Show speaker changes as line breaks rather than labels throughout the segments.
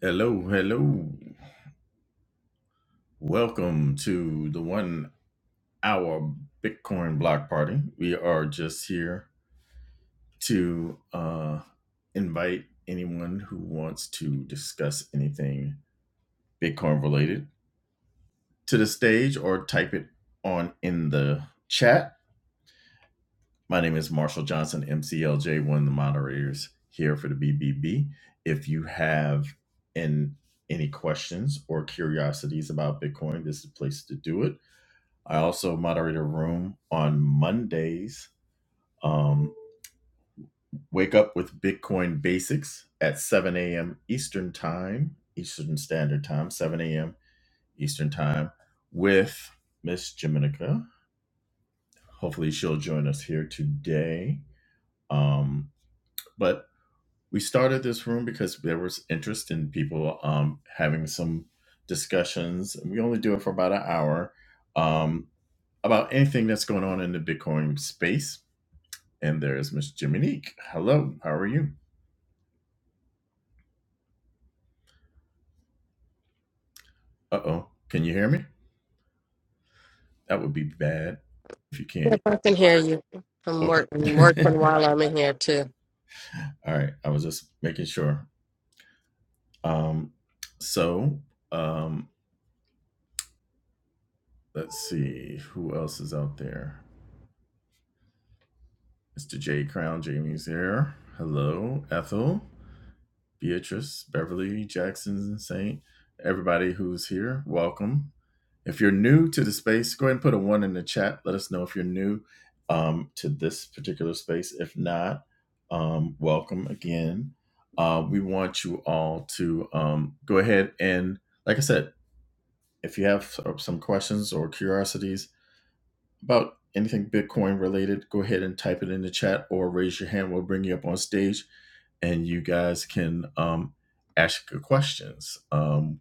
Hello, hello. Welcome to the one hour Bitcoin block party. We are just here to uh, invite anyone who wants to discuss anything Bitcoin related to the stage or type it on in the chat. My name is Marshall Johnson, MCLJ, one of the moderators here for the BBB. If you have an, any questions or curiosities about Bitcoin, this is the place to do it I also moderate a room on Mondays. Um, wake up with Bitcoin Basics at 7 a.m. Eastern Time, Eastern Standard Time, 7 a.m. Eastern Time with Miss Jiminica. Hopefully, she'll join us here today. Um, but we started this room because there was interest in people um, having some discussions. We only do it for about an hour um, about anything that's going on in the Bitcoin space And there's Miss Jiminique. Hello, how are you? Uh oh, can you hear me? That would be bad if you can't.
If I can hear you. I'm
Okay.
working, working while I'm in here too.
All right, I was just making sure. Um, so um, let's see who else is out there. Mr. J Crown, Jamie's there. Hello, Ethel. Beatrice, Beverly, Jackson, Saint, everybody who's here, welcome. If you're new to the space, go ahead and put a one in the chat. Let us know if you're new um, to this particular space. If not, um, welcome again. Uh, we want you all to um, go ahead and, like I said, if you have some questions or curiosities, about anything Bitcoin related, go ahead and type it in the chat or raise your hand. We'll bring you up on stage and you guys can um, ask your questions. Um,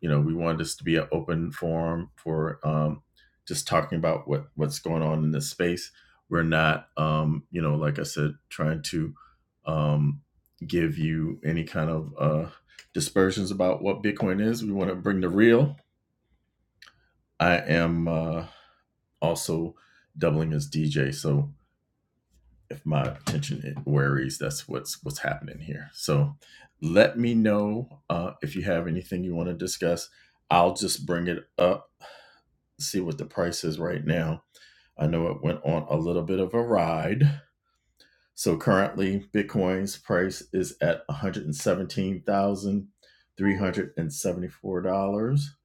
you know, we wanted this to be an open forum for um, just talking about what, what's going on in this space. We're not, um, you know, like I said, trying to um, give you any kind of uh, dispersions about what Bitcoin is. We want to bring the real. I am uh, also doubling as DJ. So if my attention it worries, that's what's what's happening here. So let me know uh, if you have anything you want to discuss. I'll just bring it up, see what the price is right now. I know it went on a little bit of a ride. So currently, Bitcoin's price is at one hundred seventeen thousand three hundred and seventy-four dollars,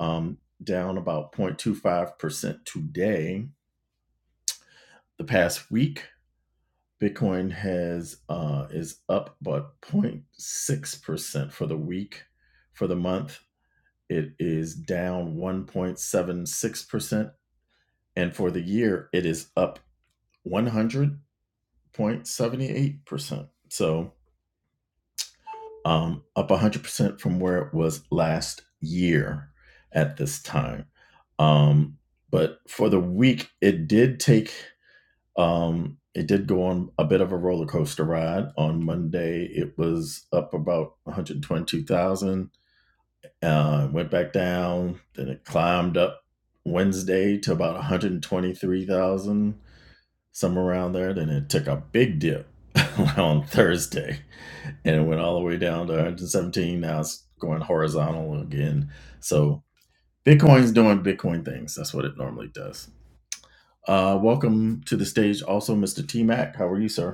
um, down about 0.25 percent today. The past week, Bitcoin has uh, is up but zero point 0.6 percent for the week. For the month, it is down 1.76 percent, and for the year, it is up 100.78 percent. So um, up 100 percent from where it was last year at this time. Um, but for the week, it did take Um, it did go on a bit of a roller coaster ride. On Monday, it was up about 122,000, uh, went back down, then it climbed up Wednesday to about 123,000, somewhere around there. Then it took a big dip on Thursday and it went all the way down to 117. Now it's going horizontal again. So Bitcoin's doing Bitcoin things. That's what it normally does. Uh, welcome to the stage, also, Mr. T Mac. How are you, sir?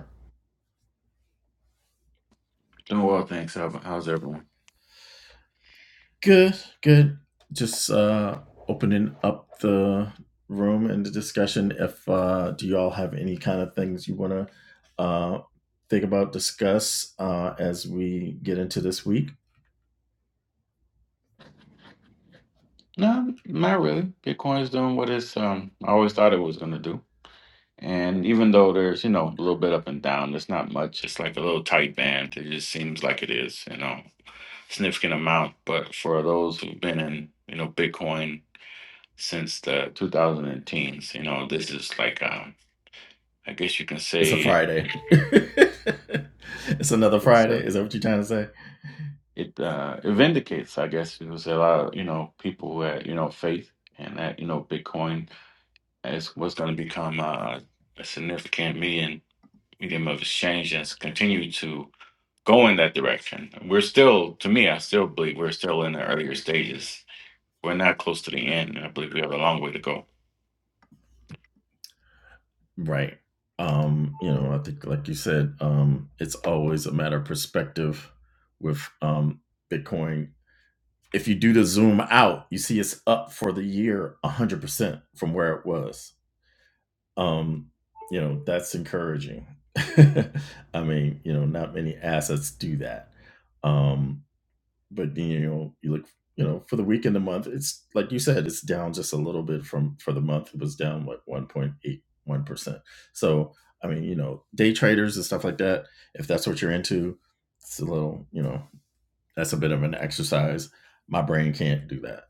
Doing well, thanks. How, how's everyone?
Good, good. Just uh opening up the room and the discussion. If uh do y'all have any kind of things you wanna uh think about, discuss uh as we get into this week?
No, not really. Bitcoin's doing what it's um I always thought it was gonna do. And even though there's, you know, a little bit up and down, it's not much. It's like a little tight band. It just seems like it is, you know, significant amount. But for those who've been in, you know, Bitcoin since the 2010s, you know, this is like um I guess you can
It's a
say
Friday. it's another
it's
Friday,
uh,
is that what you're trying to say?
it uh it vindicates, I guess you could say a lot of, you know, people who had, you know, faith and that, you know, Bitcoin It's what's going to become uh, a significant medium medium of exchange and it's continue to go in that direction. We're still, to me, I still believe we're still in the earlier stages. We're not close to the end. I believe we have a long way to go.
Right. Um, you know, I think like you said, um it's always a matter of perspective with um Bitcoin If you do the zoom out, you see it's up for the year 100% from where it was. Um, you know, that's encouraging. I mean, you know, not many assets do that. Um, but you know, you look, you know, for the week and the month, it's like you said, it's down just a little bit from for the month. It was down like 1.81 percent. So I mean, you know, day traders and stuff like that. If that's what you're into, it's a little, you know, that's a bit of an exercise. My brain can't do that.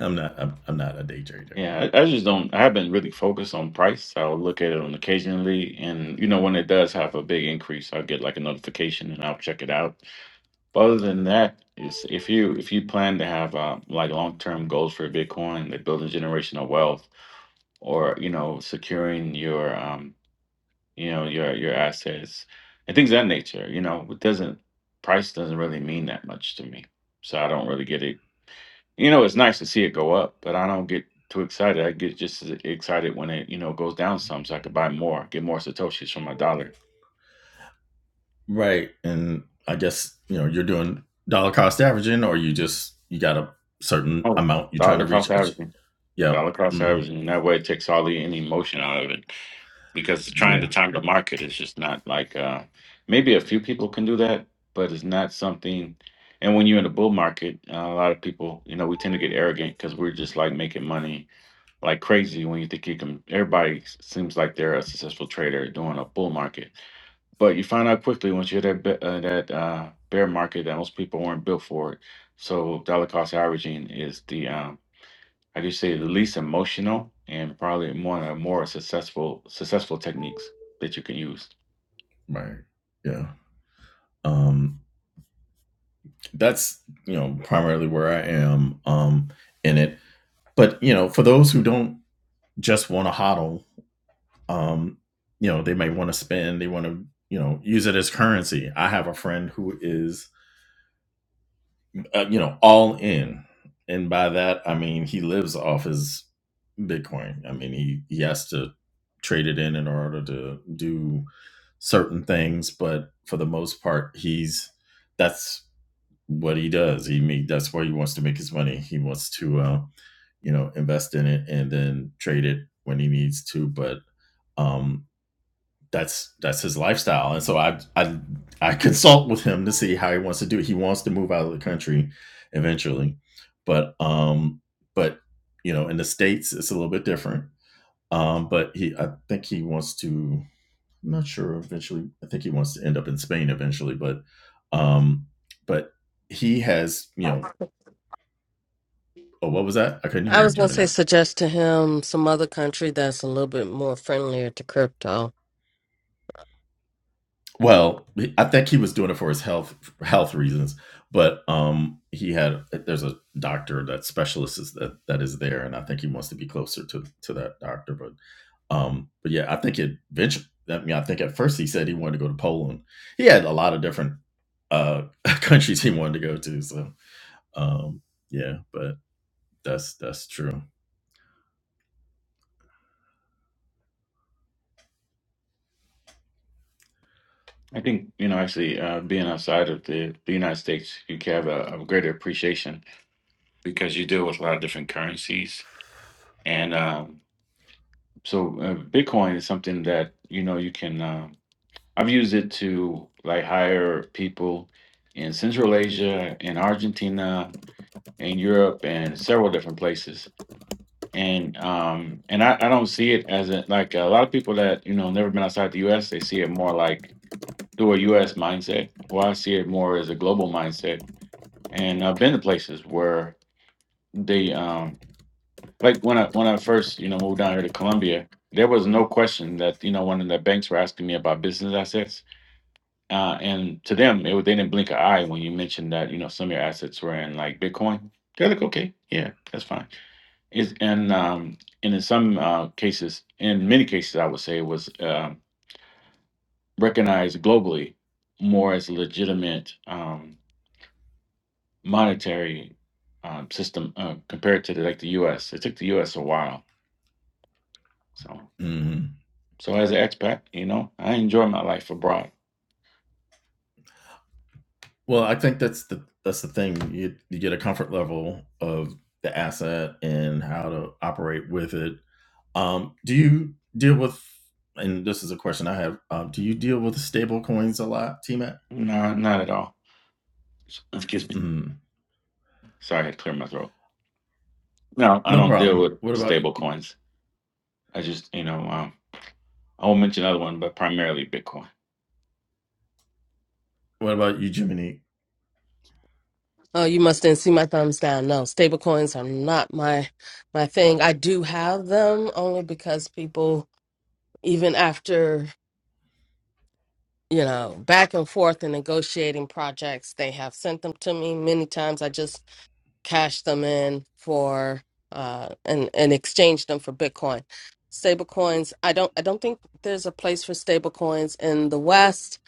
I'm not I'm, I'm not a day trader.
Yeah, I, I just don't. I haven't really focused on price. I'll look at it on occasionally, and you know when it does have a big increase, I'll get like a notification and I'll check it out other than that, is if you if you plan to have uh, like long term goals for Bitcoin, like building generational wealth, or you know securing your um you know your your assets and things of that nature, you know it doesn't price doesn't really mean that much to me, so I don't really get it. You know, it's nice to see it go up, but I don't get too excited. I get just as excited when it you know goes down some, so I could buy more, get more satoshis from my dollar.
Right. And I guess, you know, you're doing dollar cost averaging or you just you got a certain
Oh,
amount you're trying
dollar
to reach.
cost averaging.
Yeah.
Dollar cost
Mm,
averaging in that way takes all the any emotion out of it because trying to
yeah.
time the market is just not like uh, maybe a few people can do that, but it's not something. And when you're in a bull market, uh, a lot of people, you know, we tend to get arrogant because we're just like making money like crazy when you think you can. Everybody s- seems like they're a successful trader during a bull market, but you find out quickly once you're that be- uh, that uh, bear market that most people weren't built for it. So dollar cost averaging is the um, like you say, the least emotional and probably one of more successful successful techniques that you can use.
Right. Yeah. Um that's, you know, primarily where I am um in it. But, you know, for those who don't just want to hodl um you know they might want to spend they want to you know use it as currency i have a friend who is uh, you know all in and by that i mean he lives off his bitcoin i mean he he has to trade it in in order to do certain things but for the most part he's that's what he does he make that's where he wants to make his money he wants to uh, you know invest in it and then trade it when he needs to but um, that's that's his lifestyle and so I, I i consult with him to see how he wants to do it he wants to move out of the country eventually but um but you know in the states it's a little bit different um but he i think he wants to i'm not sure eventually i think he wants to end up in spain eventually but um but he has you know oh what was that i couldn't hear
I
you
was gonna say
jiminy
suggest to him some other country that's a little bit more friendlier to crypto.
Well, I think he was doing it for his health health reasons, but um, he had there's a doctor that specialist is that that is there, and I think he wants to be closer to to that doctor. But um, but yeah, I think it eventually. I mean, I think at first he said he wanted to go to Poland. He had a lot of different uh countries he wanted to go to. So um, yeah, but that's that's true.
I think you know actually uh, being outside of the, the United States, you can have a, a greater appreciation because you deal with a lot of different currencies, and um, so uh, Bitcoin is something that you know you can. um I've used it to like hire people in Central Asia, in Argentina, in Europe, and several different places and um and I, I don't see it as a, like a lot of people that you know never been outside the U.S. They see it more like through a U S mindset. Well, I see it more as a global mindset, and I've been to places where they um like when I when I first you know moved down here to Colombia there was no question that you know one of the banks were asking me about business assets. Uh, and to them, it, was- they didn't blink an eye when you mentioned that you know some of your assets were in like Bitcoin. They're like, okay, yeah, that's fine is and um, and in some uh, cases, in many cases, I would say it was um recognized globally more as a legitimate um, monetary um, system uh, compared to the, like the U.S. It took the U.S. a while. So
hmm
so as an expat, you know, I enjoy my life abroad.
Well, I think that's the that's the thing. You you get a comfort level of the asset and how to operate with it Um, do you deal with? And this is a question I have. Um, do you deal with stable coins a lot, T Mac?
No, not at all. Excuse me.
Mm,
Sorry, I had to clear my throat. No, I
no
don't deal
problem.
with
What about
stable coins. I just you know um, I won't mention another one, but primarily Bitcoin.
what about you, Jiminy?
Oh, you must didn't see my thumbs down. No, stable coins are not my my thing. I do have them only because people, even after you know back and forth and negotiating projects, they have sent them to me many times. I just cash them in for uh and and exchange them for bitcoin stable coins i don't i don't think there's a place for stable coins in the west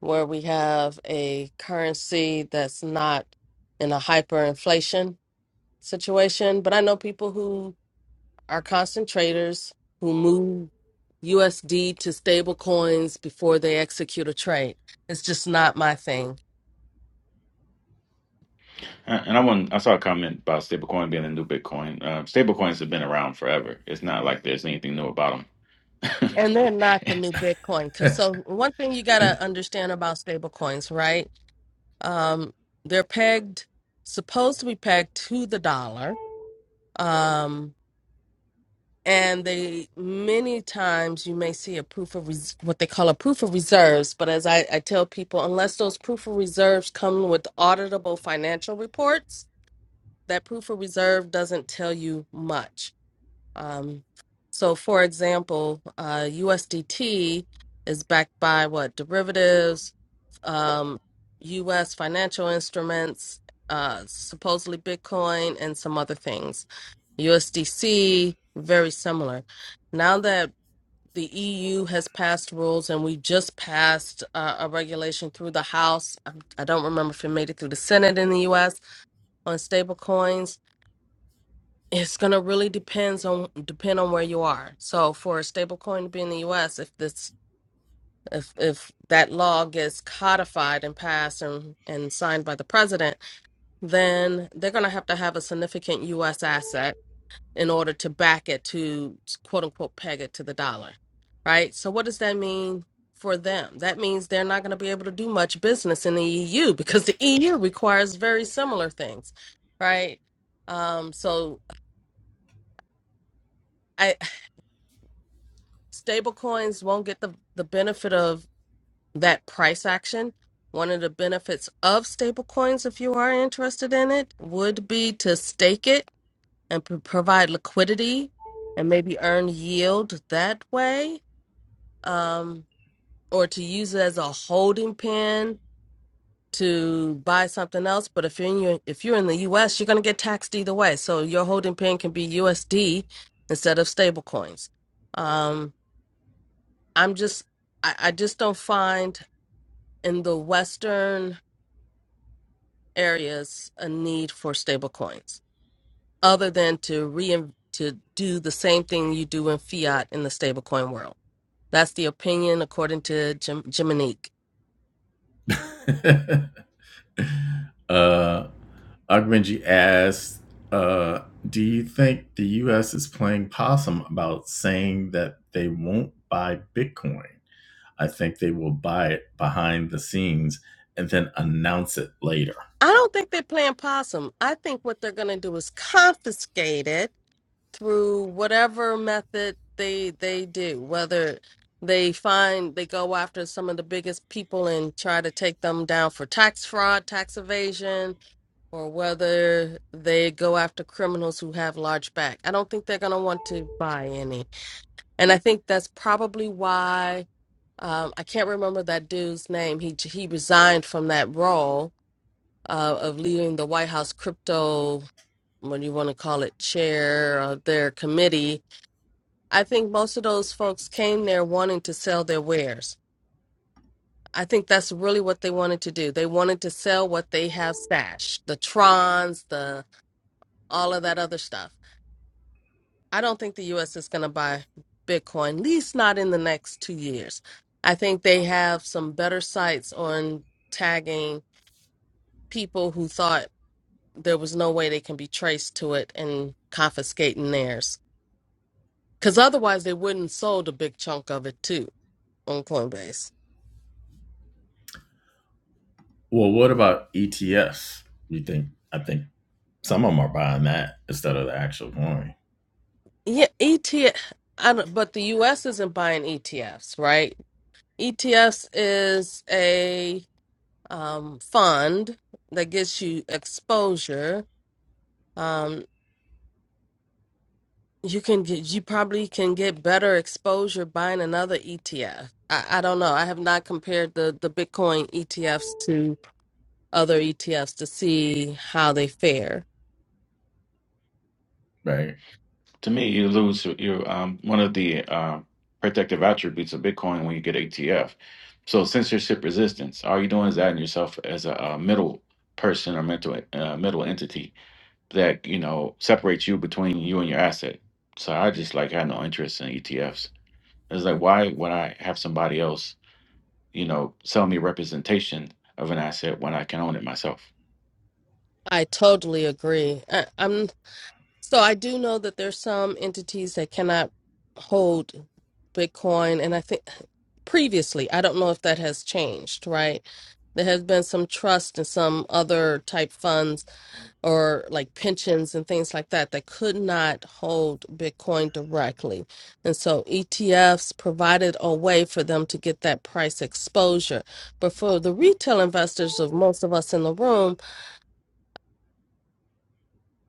where we have a currency that's not in a hyperinflation situation but i know people who are constant traders who move usd to stable coins before they execute a trade it's just not my thing
Uh, And I want I saw a comment about stablecoin being a new Bitcoin. Uh, stablecoins have been around forever. It's not like there's anything new about them.
and they're not the new bitcoin because so one thing you got to understand about stable coins right um they're pegged supposed to be pegged to the dollar um and they many times you may see a proof of res- what they call a proof of reserves but as I, I tell people unless those proof of reserves come with auditable financial reports that proof of reserve doesn't tell you much Um, so, for example, uh, USDT is backed by what derivatives, um, U.S. financial instruments, uh, supposedly Bitcoin, and some other things. USDC, very similar. Now that the EU has passed rules, and we just passed uh, a regulation through the House. I I don't remember if it made it through the Senate in the U.S. on stablecoins it's gonna really depends on depend on where you are. So for a stable coin to be in the US, if this if if that law gets codified and passed and, and signed by the president, then they're gonna have to have a significant US asset in order to back it to quote unquote peg it to the dollar. Right? So what does that mean for them? That means they're not gonna be able to do much business in the EU because the EU requires very similar things, right? Um, so stable coins won't get the, the benefit of that price action. One of the benefits of stable coins, if you are interested in it, would be to stake it and p- provide liquidity and maybe earn yield that way, um, or to use it as a holding pen to buy something else. But if you're in your, if you're in the U.S., you're going to get taxed either way. So your holding pen can be USD instead of stable coins. Um, I'm just I, I just don't find in the Western areas a need for stable coins other than to rein to do the same thing you do in fiat in the stablecoin world. That's the opinion according to Jim, Jiminique.
uh, Ogbenji asked, uh, "Do you think the U.S. is playing possum about saying that they won't buy Bitcoin? I think they will buy it behind the scenes and then announce it later."
I don't think they're playing possum. I think what they're going to do is confiscate it through whatever method they they do whether they find they go after some of the biggest people and try to take them down for tax fraud tax evasion or whether they go after criminals who have large back i don't think they're going to want to buy any and i think that's probably why um, i can't remember that dude's name he he resigned from that role uh, of leading the white house crypto what do you want to call it chair of their committee I think most of those folks came there wanting to sell their wares. I think that's really what they wanted to do. They wanted to sell what they have stashed, the trons, the all of that other stuff. I don't think the US is going to buy Bitcoin, at least not in the next 2 years. I think they have some better sites on tagging people who thought there was no way they can be traced to it and confiscating theirs. Cuz otherwise they wouldn't sold a big chunk of it too on Coinbase.
Well, what about ETFs? You think? I think Some of them are buying that instead of the actual coin,
Yeah, ETF. I don't, but the U.S. isn't buying ETFs, right? ETFs is a um, fund that gets you exposure. Um, you can get, you probably can get better exposure buying another ETF. I, I don't know. I have not compared the the Bitcoin ETFs to other ETFs to see how they fare.
right?
to me, you lose you um one of the uh, protective attributes of Bitcoin when you get ATF. So censorship resistance. All you're doing is adding yourself as a, a middle person or mental uh, middle entity that you know separates you between you and your asset. So I just like had no interest in ETFs. It's like why would I have somebody else? you know, sell me representation of an asset when I can own it myself.
I totally agree. I, am So I do know that there's some entities that cannot hold Bitcoin, and I think previously, I don't know if that has changed, right? There has been some trust and some other type funds or like pensions and things like that that could not hold Bitcoin directly. And so ETFs provided a way for them to get that price exposure. But for the retail investors of most of us in the room,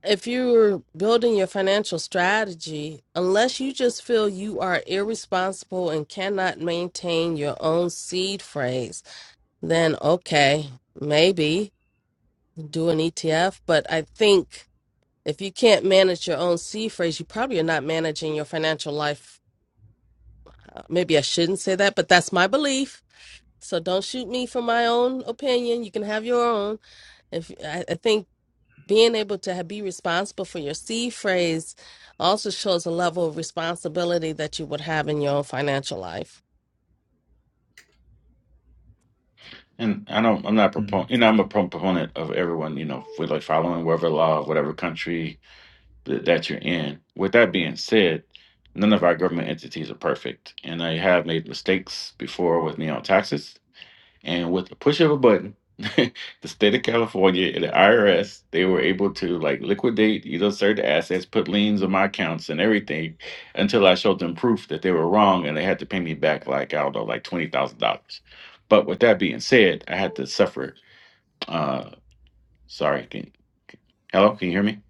if you're building your financial strategy, unless you just feel you are irresponsible and cannot maintain your own seed phrase, then okay, maybe do an ETF. But I think if you can't manage your own seed phrase, you probably are not managing your financial life. Uh, Maybe I shouldn't say that, but that's my belief. So don't shoot me for my own opinion. You can have your own. If I, I think being able to ha- be responsible for your seed phrase also shows a level of responsibility that you would have in your own financial life.
And I don't, I'm not
Mhm.
proponent, you know, I'm a pro- proponent of everyone, you know, for like following whatever law, whatever country that, that you're in. With that being said, none of our government entities are perfect. And I have made mistakes before with me on taxes And with the push of a button, the state of California and the IRS, they were able to like liquidate, you know, certain assets, put liens on my accounts and everything until I showed them proof that they were wrong and they had to pay me back like, I don't know, like $20,000. But with that being said, I had to suffer. Uh, sorry. Can, hello? Can you hear me?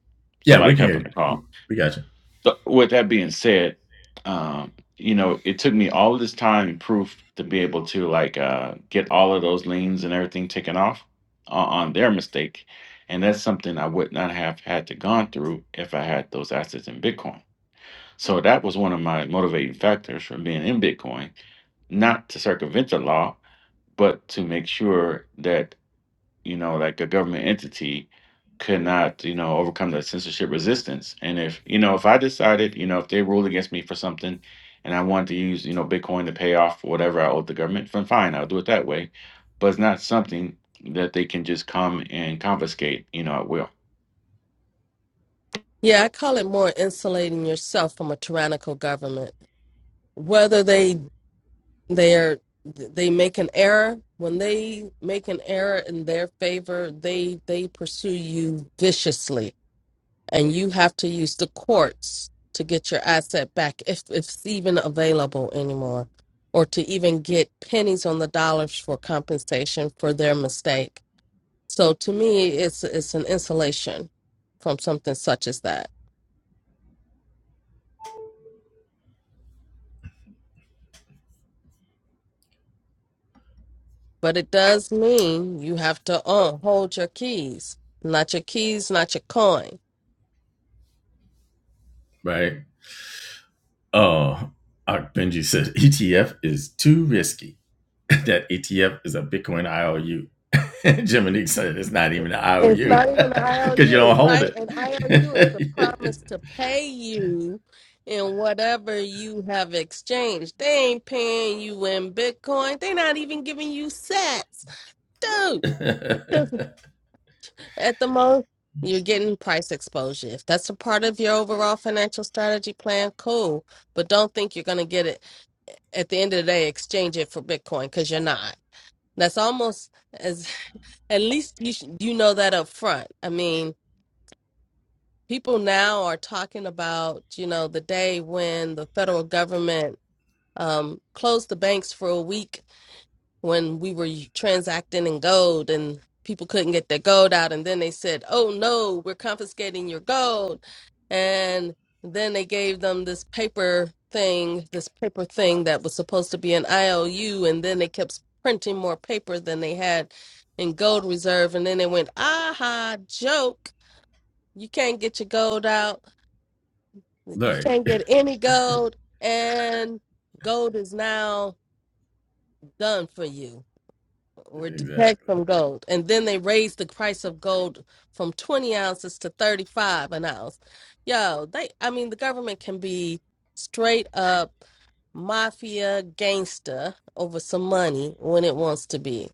Yeah,
Somebody
we can
hop
hear.
on
you.
the call.
We got you,
So with that being said, um, you know, it took me all of this time and proof to be able to like uh, get all of those liens and everything taken off on, on their mistake, and that's something I would not have had to gone through if I had those assets in Bitcoin. So that was one of my motivating factors for being in Bitcoin, not to circumvent the law, but to make sure that you know, like a government entity could not, you know, overcome the censorship resistance. And if, you know, if I decided, you know, if they ruled against me for something and I wanted to use, you know, Bitcoin to pay off whatever I owed the government, then fine, I'll do it that way. But it's not something that they can just come and confiscate, you know, at will.
Yeah, I call it more insulating yourself from a tyrannical government. Whether they they're they make an error, when they make an error in their favor, they they pursue you viciously and you have to use the courts to get your asset back if, if it's even available anymore or to even get pennies on the dollars for compensation for their mistake so to me it's it's an insulation from something such as that But it does mean you have to uh, hold your keys. Not your keys, not your coin.
right? Uh, uh, Benji said ETF is too risky. that ETF is a Bitcoin IOU. Jiminy said it's not even an
It's
IOU
not even an
because you
IOU,
don't hold
right?
it.
An IOU is a promise to pay you and whatever you have exchanged, they ain't paying you in Bitcoin. They not even giving you sats. Dude, at the most, you're getting price exposure. If that's a part of your overall financial strategy plan, cool. But don't think you're going to get it at the end of the day, exchange it for Bitcoin because you're not. That's almost as, at least you, should, you know that up front. I mean, people now are talking about, you know, the day when the federal government um, closed the banks for a week when we were transacting in gold and people couldn't get their gold out. And then they said, oh no, we're confiscating your gold. And then they gave them this paper thing, this paper thing that was supposed to be an IOU. And then they kept printing more paper than they had in gold reserve. And then they went, aha, joke. You can't get your gold out. You
Look,
can't get any gold. And gold is now done for you or detect
exactly.
from gold. And then they raised the price of gold from 20 ounces to 35 an ounce. Yo, they, I mean, the government can be straight up mafia gangster over some money when it wants to be.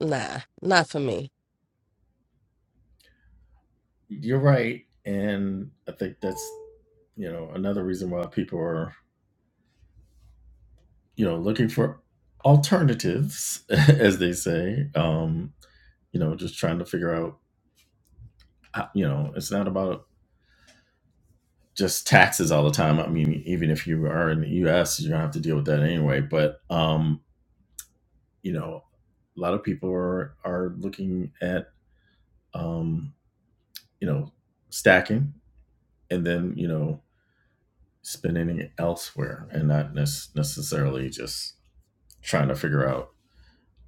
Nah, not for me.
You're right, and I think that's you know another reason why people are you know, looking for alternatives, as they say. Um, you know, just trying to figure out, how- you know, it's not about just taxes all the time. I mean, even if you are in the U.S., you're gonna have to deal with that anyway. But um, you know, a lot of people are are looking at, um, you know, stacking and then you know spending it elsewhere, and not nes- necessarily just trying to figure out.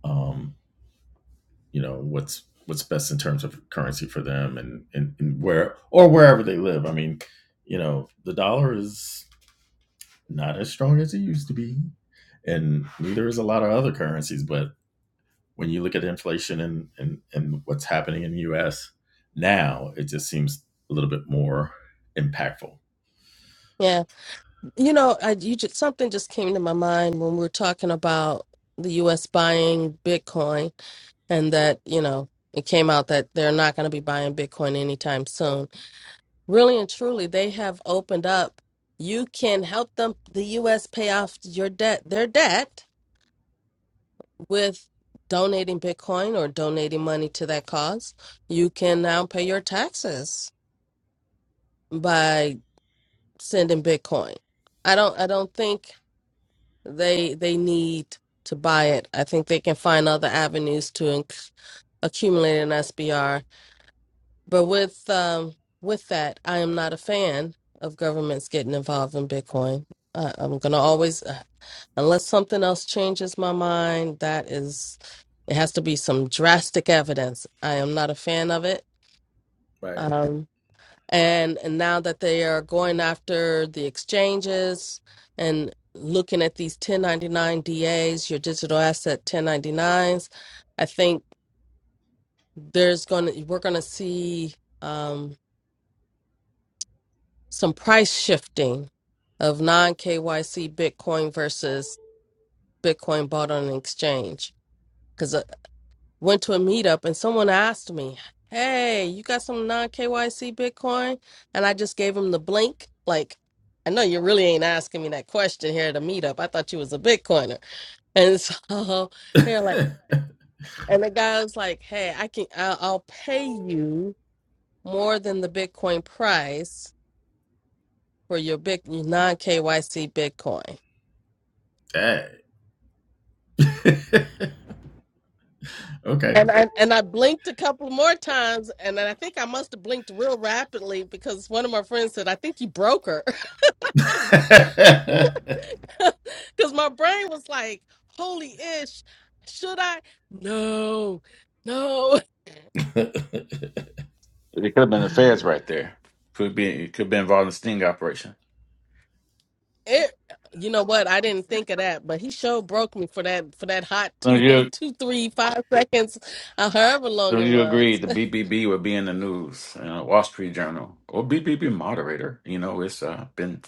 Um, you know what's what's best in terms of currency for them and, and, and where or wherever they live. I mean, you know, the dollar is not as strong as it used to be, and neither is a lot of other currencies. But when you look at inflation and and, and what's happening in the U.S. now, it just seems a little bit more impactful.
Yeah. You know, I, you just, something just came to my mind when we were talking about the U.S. buying Bitcoin and that, you know, it came out that they're not going to be buying Bitcoin anytime soon really and truly they have opened up you can help them the us pay off your debt their debt with donating bitcoin or donating money to that cause you can now pay your taxes by sending bitcoin i don't i don't think they they need to buy it i think they can find other avenues to inc- accumulate an sbr But with um with that, I am not a fan of governments getting involved in Bitcoin. Uh, I'm gonna always, uh, unless something else changes my mind, that is, it has to be some drastic evidence. I am not a fan of it.
Right.
Um, and, and now that they are going after the exchanges and looking at these 1099 DAs, your digital asset 1099s, I think there's gonna we're gonna see. Um, some price shifting of non KYC Bitcoin versus Bitcoin bought on an exchange. Because I went to a meetup and someone asked me, Hey, you got some non KYC Bitcoin? And I just gave him the blink. Like, I know you really ain't asking me that question here at a meetup. I thought you was a Bitcoiner. And so they're like, and the guy was like, Hey, I can, I'll, I'll pay you more than the Bitcoin price for your big non KYC Bitcoin.
Dang. okay.
And I and I blinked a couple more times, and then I think I must have blinked real rapidly because one of my friends said, "I think you broke her," because my brain was like, "Holy ish, should I?" No, no.
It could have been the feds right there. Could be it could be involved in a sting operation.
It, you know what? I didn't think of that, but he sure broke me for that for that hot
So
two,
you.
two, three, five seconds, uh, however long
So
it
you agree
was.
the BBB would be in the news, uh, Wall Street Journal, or BBB moderator. You know, it's uh, been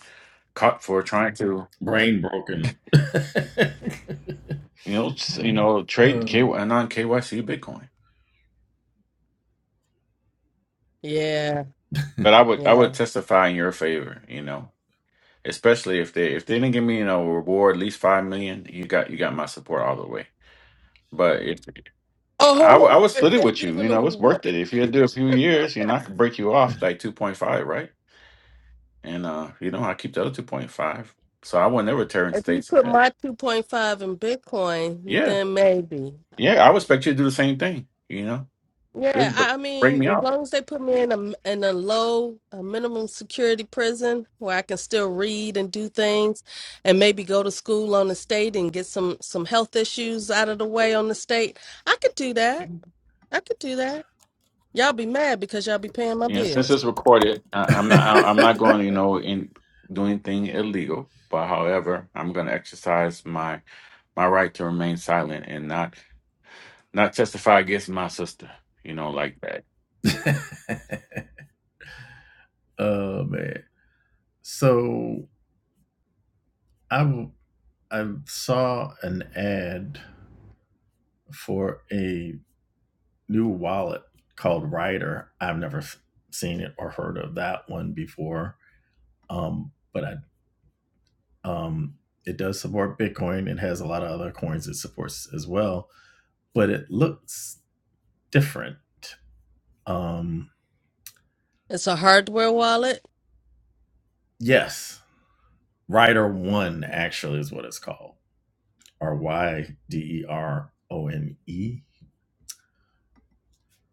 caught for trying to,
Brain broken.
you know, s- you know, trade K
Uh.
non KYC Bitcoin.
Yeah,
But I would I
yeah.
would testify in your favor, you know, especially if they if they didn't give me you know a reward at least five million, you got you got my support all the way. But if I w- I
Oh,
would split
if
it
they
with you, you
giving a
know, it's
wa-
worth it. If you do a few years, you know, I could break you off like two point five, right? And uh, you know, I keep the other two point five. So I will never tear in
if you
states.
put
Uh,
my two point five in Bitcoin,
Yeah,
then maybe.
yeah, I would expect you to do the same thing. You know,
Yeah,
just
I
br-
I
break
mean,
me
as
up.
long as they put me in a in a low a minimum security prison where I can still read and do things, and maybe go to school on the state and get some some health issues out of the way on the state, I could do that. I could do that. Y'all be mad because y'all be paying my
Yeah, since
bills.
it's recorded, I, I'm not. I, I'm not going. to, You know, in do anything illegal. But however, I'm going to exercise my my right to remain silent and not not testify against my sister. You know, like
Oh man. So I w- I saw an ad for a new wallet called Rider. I've never s- seen it or heard of that one before. Um, but I um it does support Bitcoin. It has a lot of other coins it supports as well, but it looks different. Um,
It's a hardware wallet,
yes, Rider One actually is what it's called, or Y D E R O N E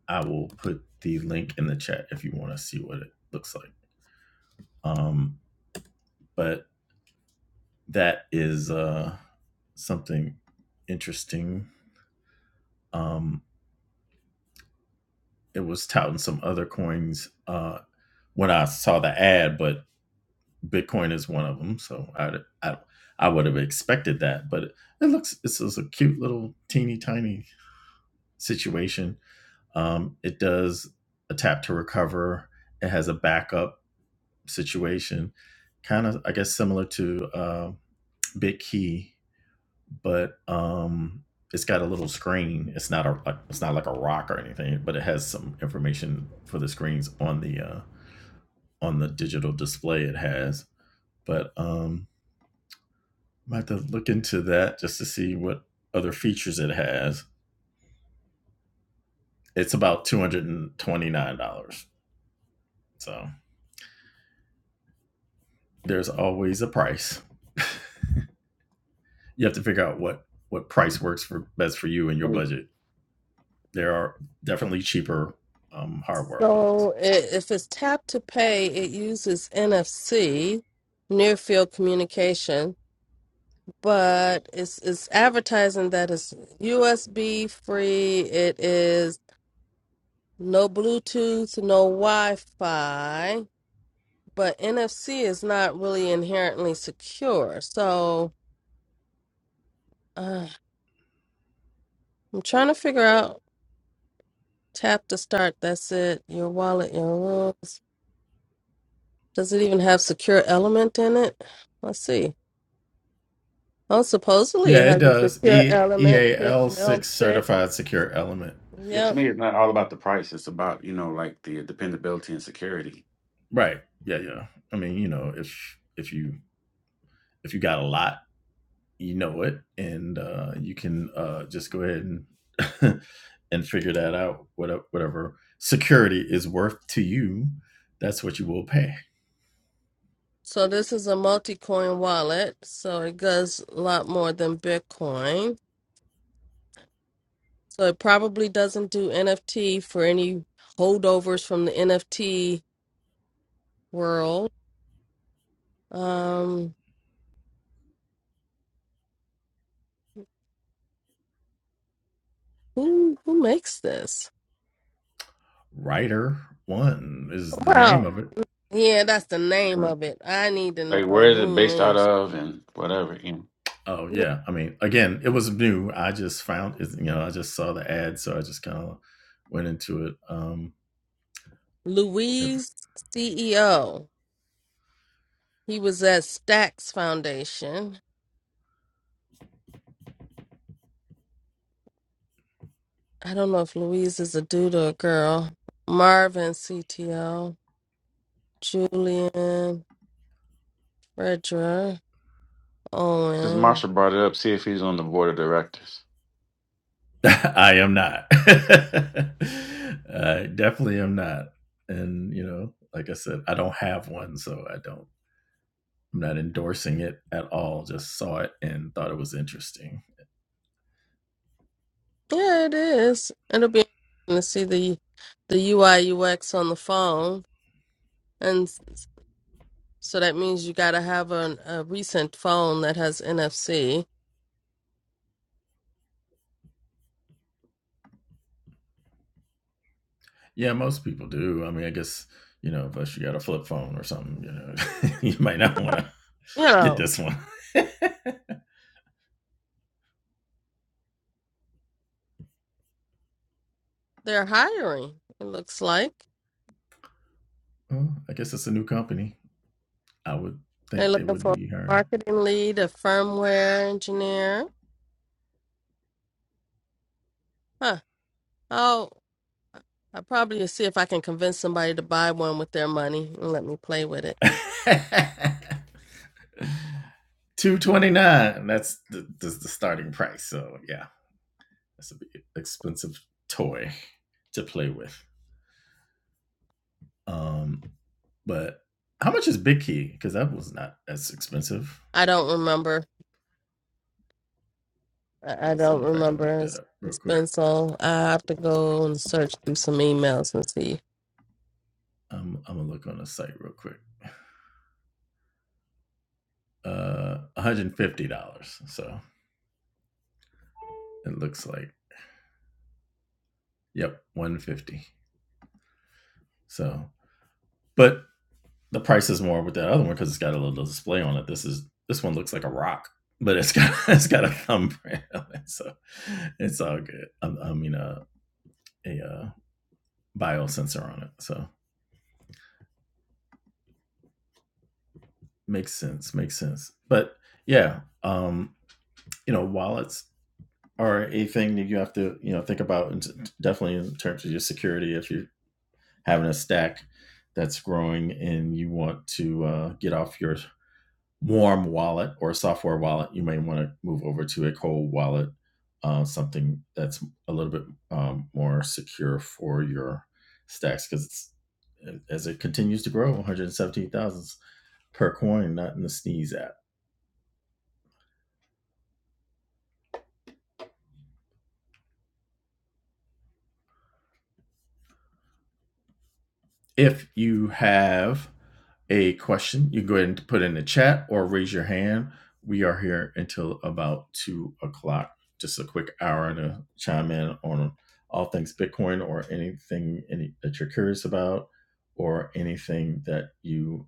I will put the link in the chat if you want to see what it looks like. Um, but that is uh, something interesting. Um, it was touting some other coins uh, when I saw the ad, but Bitcoin is one of them, so I I, I would have expected that. But it, it looks it's, it's a cute little teeny tiny situation. Um, it does a tap to recover. It has a backup situation, kind of I guess similar to uh, Big Key, but um, it's got a little screen. It's not a like it's not like a rock or anything, but it has some information for the screens on the uh, on the digital display it has. But um, I have to look into that just to see what other features it has. It's about two hundred and twenty nine dollars. So there's always a price. You have to figure out what what price works for best for you and your
that.
budget there are definitely cheaper um, hardware wallets.
so i if it's tap to pay, it uses NFC, near field communication. but it's it's advertising that it's USB free. It is no Bluetooth, no Wi-Fi, but NFC is not really inherently secure. So uh, I'm trying to figure out. Tap to start. That's it. Your wallet, your rules. Does it even have secure element in it? Let's see. Oh, supposedly it
Yeah, it
has a
does.
secure
E E
element.
A L 6
L6.
certified secure element.
Yeah,
Yep.
to me, it's not all about the price. It's about, you know, like the dependability and security.
Right. Yeah, yeah. I mean, you know, if if you if you got a lot you know it and uh, you can uh, just go ahead and and figure that out whatever, whatever security is worth to you that's what you will pay
So this is a multi-coin wallet, so it does a lot more than Bitcoin. So it probably doesn't do NFT for any holdovers from the NFT world. Um, who who makes this?
writer one is the name
Wow.
of it
Yeah, that's the name
Right.
of it. I need to
Like, where
know
is it based
who
out
makes
of and whatever, you know.
Oh
it.
yeah, I mean, again, it was new. I just found it. You know, I just saw the ad, so I just kind of went into it. Um, if,
Louise CEO. He was at Stacks Foundation. I don't know if Louise is a dude or a girl. Marvin CTO. Julian, Fredra,
Since
Owen.
Marsha brought it up, see if he's on the board of directors.
I am not. I definitely am not. And you know, like I said, I don't have one, so I don't. I'm not endorsing it at all. Just saw it and thought it was interesting.
Yeah, it is. It'll be interesting to see the the UI UX on the phone, and s- so that means you got to have an, a recent phone that has NFC.
Yeah, most people do. I mean, I guess, you know, unless you got a flip phone or something, you know, you might not want to
You
get
know,
this one.
they're hiring. It looks like
Well, I guess it's a new company. I would
they're
think they
looking
would
for a
be hiring.
marketing lead, a firmware engineer. Huh? Oh, I probably see if I can convince somebody to buy one with their money and let me play with it.
229 that's the, that's the starting price so yeah that's a big expensive toy to play with um but how much is big key because that was not as expensive
I don't remember I, I
Let's see
don't
if i can look
remember.
that
It's,
up real
it's
quick
been so. I have to go and search through some emails and see.
I'm i'm gonna look on the site real quick uh, $150. So it looks like, yep, 150 So, but the price is more with that other one because it's got a little display on it. This is this one looks like a rock, but it's got it's got a thumbprint, on it, so it's all good. I, I mean, uh, a uh, biosensor on it, so makes sense, makes sense. But yeah, um, you know, wallets are a thing that you have to you know think about, and definitely in terms of your security if you having a stack that's growing and you want to uh, get off your warm wallet or software wallet, you may want to move over to a cold wallet, uh, something that's a little bit um, more secure for your stacks because as it continues to grow, 117,000 per coin, not in the sneeze app. If you have a question, you can go ahead and put it in the chat or raise your hand. We are here until about two o'clock. Just a quick hour to chime in on all things Bitcoin or anything any, that you're curious about or anything that you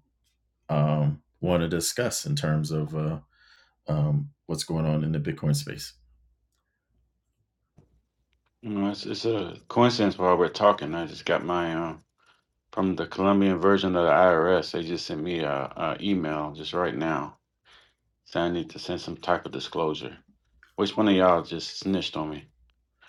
um, want to discuss in terms of uh, um, what's going on in the Bitcoin space.
You know, it's, it's a coincidence while we're talking. I just got my uh, from the Colombian version of the IRS. They just sent me a, a email just right now saying I need to send some type of disclosure. Which one of y'all just snitched on me?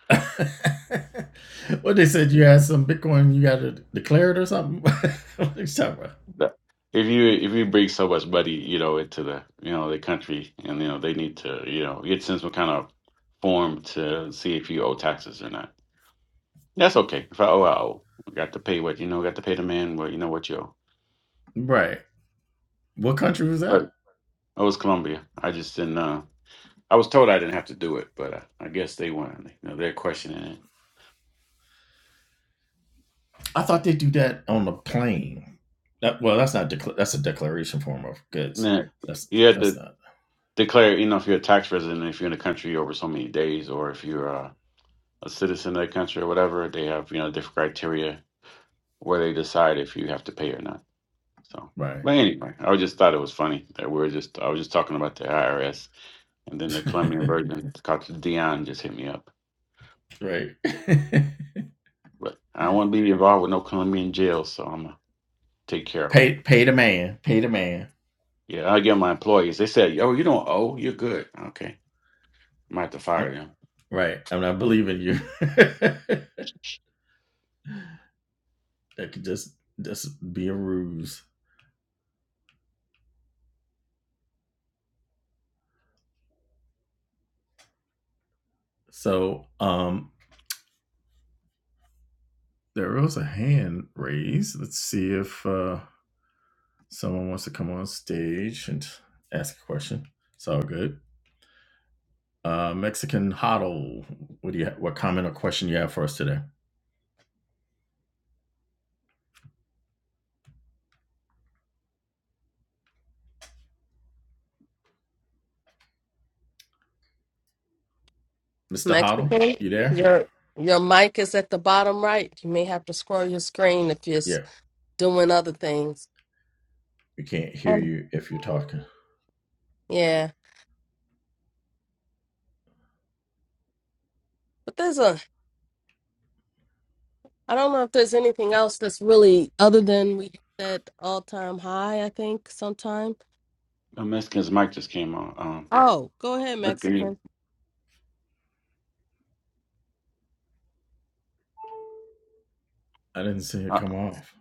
what they said you had some Bitcoin, you got to declare it or something. what are you talking about?
The- If you if you bring so much money, you know, into the you know the country, and you know they need to you know get sent some kind of form to see if you owe taxes or not. That's okay. If I owe, I owe. Got to pay what you know. Got to pay the man. Well, you know what you owe.
Right. What country was
but
that?
oh, it was Columbia. I just didn't. Uh, I was told I didn't have to do it, but I, I guess they weren't. You know, they're questioning it.
I thought they do that on the plane. That, well, that's not decla- that's a declaration form of
And
goods.
then
That's
you have
that's
to
not
declare, you know, if you're a tax resident, if you're in the country over so many days, or if you're uh, a citizen of the country or whatever, they have you know different criteria where they decide if you have to pay or not. So,
right.
but anyway, I just thought it was funny that we were just I was just talking about the IRS, and then the Colombian version, called Dion, just hit me up.
right.
But I don't want to be involved with no Colombian jail, so I'm gonna take care of them.
pay pay the man. Pay the man.
Yeah, I get my employees. They said, "Yo, you don't owe. You're good." Okay, might have to fire
I'm-
them.
right. I'm not believing you. that could just just be a ruse. So um There was a hand raised. Let's see if uh, someone wants to come on stage and ask a question. It's all good. Uh, Mexican Hoddle, what do you what comment or question you have for us today, Mister Hoddle?
Mexican,
You there?
your your mic is at the bottom right. You may have to scroll your screen if you're s-
Yeah,
doing other things.
we can't hear
Um,
you if you're talking.
yeah, but there's a. I don't know if there's anything else that's really other than we hit that all time high. I think sometime.
The Mexicans mic just came on. Um,
Oh, go ahead, Mexican.
Mexican,
I didn't see it
uh,
come off.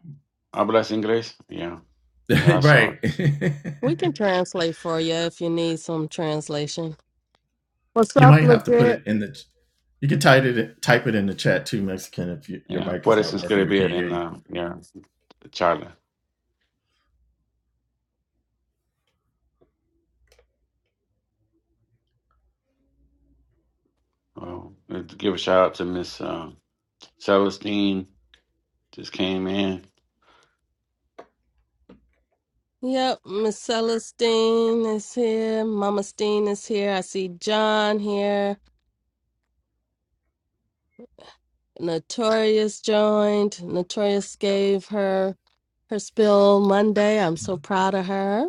hablas inglés? Yeah, yeah, I saw
right.
it.
We can translate for you if you need some translation. What's
you
up,
might have to put
legit?
it in the. You can type it type it in the chat too, Mexican. If you, your
Yeah,
mic is
puedes
not working, we
inscribir
can't
in
hear
uh, yeah, Charlie. Well, let's give a shout out to Miss uh, Celestine. Just came in.
Yep, Miss Celestine is here. Mama Steen is here. I see John here. Notorious joined. Notorious gave her her spill Monday. I'm
you.
so proud of her.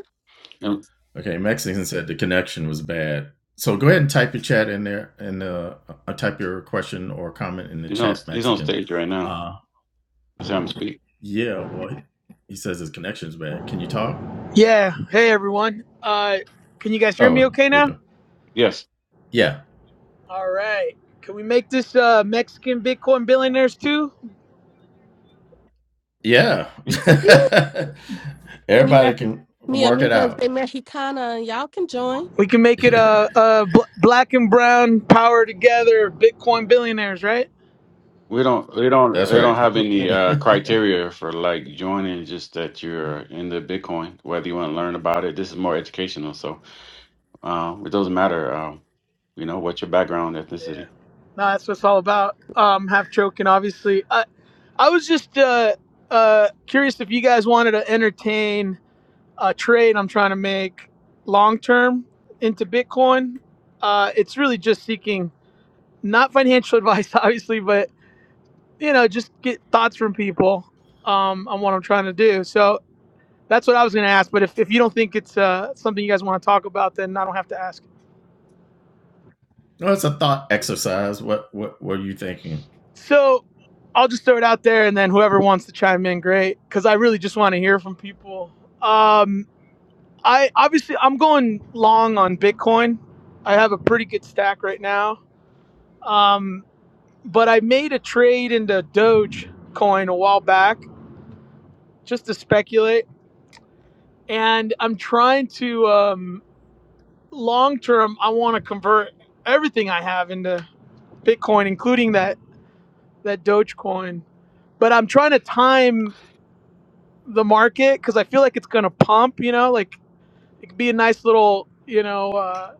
And,
Okay, Mexican said the connection was bad. So go ahead and type your chat in there and uh, uh, type your question or comment in the
You know,
chat,
he's on
Mexican.
stage right now.
Uh,
Let's have him speak.
yeah, well, he he says his connection's bad. Can you talk?
Yeah. Hey, everyone. Uh, can you guys hear me
Oh,
okay
there you
now?
go.
Yes.
Yeah,
All right. Can we make this uh, Mexican Bitcoin billionaires too?
yeah.
Me,
Everybody
Mexi-
can
me
work it
amigos
out.
de Mexicana. Y'all can join.
We can make it uh, uh, bl- black and brown power together Bitcoin billionaires, right?
We don't we don't
That's
we don't
right.
have any uh
no,
criteria for like joining just that you're into Bitcoin, whether you want to learn about it. This is more educational, so um it doesn't matter um, you know, what your background,
Yeah.
ethnicity.
No, that's what it's all about. Um, half joking, obviously. I I was just uh, uh, curious if you guys wanted to entertain a trade I'm trying to make long term into Bitcoin. Uh, it's really just seeking not financial advice, obviously, but. you know, just get thoughts from people um, on what I'm trying to do. So that's what I was going to ask. But if, if you don't think it's uh, something you guys want to talk about, then I don't have to ask.
it's a thought exercise. What what what are you thinking?
So I'll just throw it out there, and then whoever wants to chime in, great, because I really just want to hear from people. Um, I obviously I'm going long on Bitcoin. I have a pretty good stack right now, um, but I made a trade into Doge coin a while back just to speculate and I'm trying to. Um, long term, I want to convert everything I have into Bitcoin, including that that Dogecoin. But I'm trying to time the market because I feel like it's gonna pump. You know, like it could be a nice little you know uh,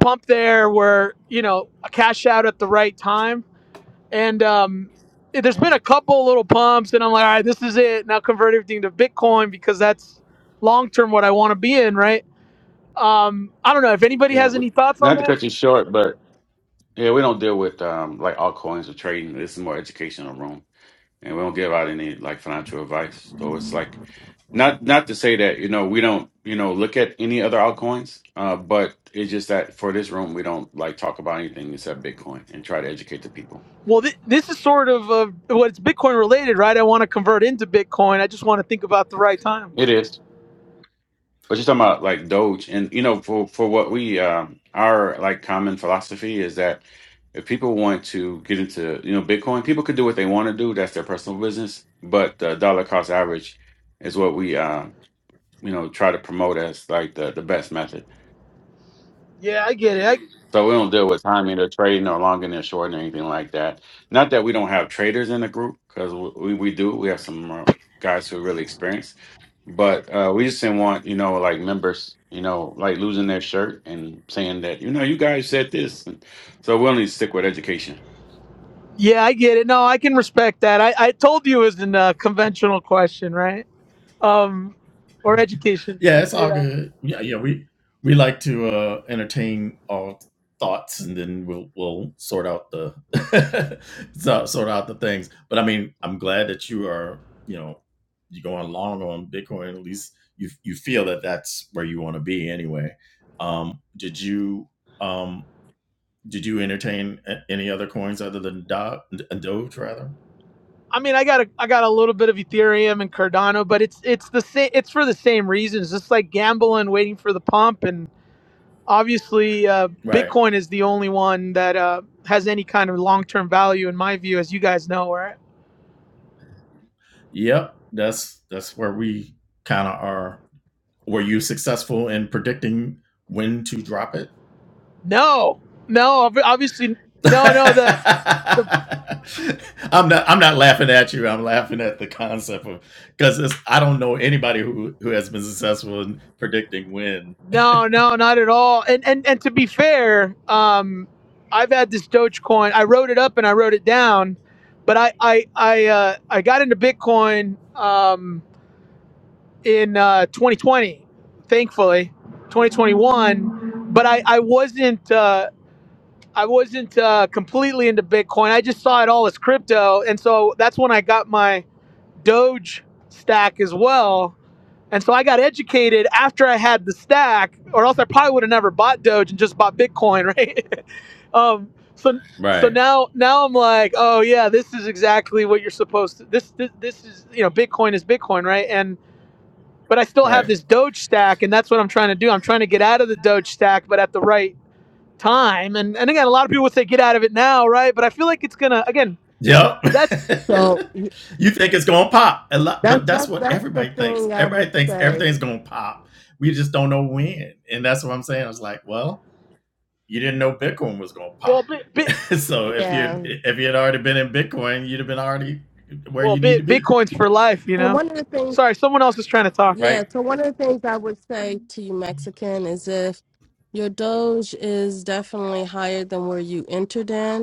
pump there where you know a cash out at the right time. And um, eh, there's been
Yeah.
a couple little pumps, and I'm like, all right, this is it. Now convert everything to Bitcoin because that's long term what I want to be in, right? Um, I don't know if anybody
Yeah.
has
we-
any thoughts on
Not to
that.
cut you short, but yeah, we don't deal with um like altcoins or trading. This is more educational room. and we don't give out any like financial advice. So it's like not not to say that you know we don't you know look at any other altcoins, uh, but it's just that for this room we don't like talk about anything except Bitcoin and try to educate the people.
Well, th- this is sort of uh, well, it's Bitcoin related, right? I want to convert into Bitcoin. I just want to think about the right time.
It is, but you're talking about like Doge, and you know for for what we um, our like common philosophy is that if people want to get into you know Bitcoin, people could do what they want to do. That's their personal business, but the dollar cost average is what we uh, you know try to promote as like the the best method.
Yeah, I get it. I,
So we don't deal with timing or trading or longing or shorting or anything like that. Not that we don't have traders in the group because we, we do. We have some uh, guys who are really experienced, but uh, we just didn't want you know like members you know like losing their shirt and saying that you know you guys said this. And so we only stick with education.
Yeah, I get it. No, I can respect that. I, I told you it was a uh, conventional question, right? Um, or
Mm-hmm.
education.
Yeah, it's all
Yeah.
good. Yeah, yeah, we we like to uh entertain our thoughts and then we'll we'll sort out the so- sort out the things. But I mean, I'm glad that you are, you know, you're going long on Bitcoin. At least you you feel that that's where you want to be anyway. Um did you um did you entertain a- any other coins other than Do- Doge rather?
I mean, I got a I got a little bit of Ethereum and Cardano, but it's it's the same. It's for the same reasons. It's like gambling, waiting for the pump, and obviously, uh,
Right.
Bitcoin is the only one that uh, has any kind of long term value, in my view, as you guys know, right?
Yep. That's that's where we kind of are Were you successful in predicting when to drop it?
No, no, ob- obviously, no, no, the the
I'm not. I'm not laughing at you. I'm laughing at the concept of because I don't know anybody who who has been successful in predicting when.
no, no, not at all. And and and to be fair, um, I've had this Dogecoin. I wrote it up and I wrote it down, but I I I uh, I got into Bitcoin um, in uh, 2020, thankfully, 2021. But I I wasn't. Uh, I wasn't uh, completely into Bitcoin. I just saw it all as crypto, and so that's when I got my Doge stack as well And so I got educated after I had the stack, or else I probably would have never bought Doge and just bought Bitcoin, right? um, so so
Right.
now now I'm like, oh yeah, this is exactly what you're supposed to. This this, this is you know Bitcoin is Bitcoin, right? And but I still have
Right.
this Doge stack, and that's what I'm trying to do. I'm trying to get out of the Doge stack, but at the right time. And and again, a lot of people would say get out of it now, right? But I feel like it's gonna again.
Yep.
That's
So
you think it's gonna pop a lot, but
that's
that's
that's
what
that's the
everybody thinks.
thing I
Everybody
would
thinks
say.
everything's gonna pop. We just don't know when, and that's what I'm saying. I was like, well, you didn't know Bitcoin was gonna pop
well, bit, bit
so if
Yeah,
you if you had already been in Bitcoin, you'd have been already where
well,
you need to
bit
be,
Bitcoin's for life, you
and
know.
one of the things
Sorry, someone else is trying to talk.
Yeah,
right?
so one of the things I would say to you, Mexican, is if your Doge is definitely higher than where you entered in,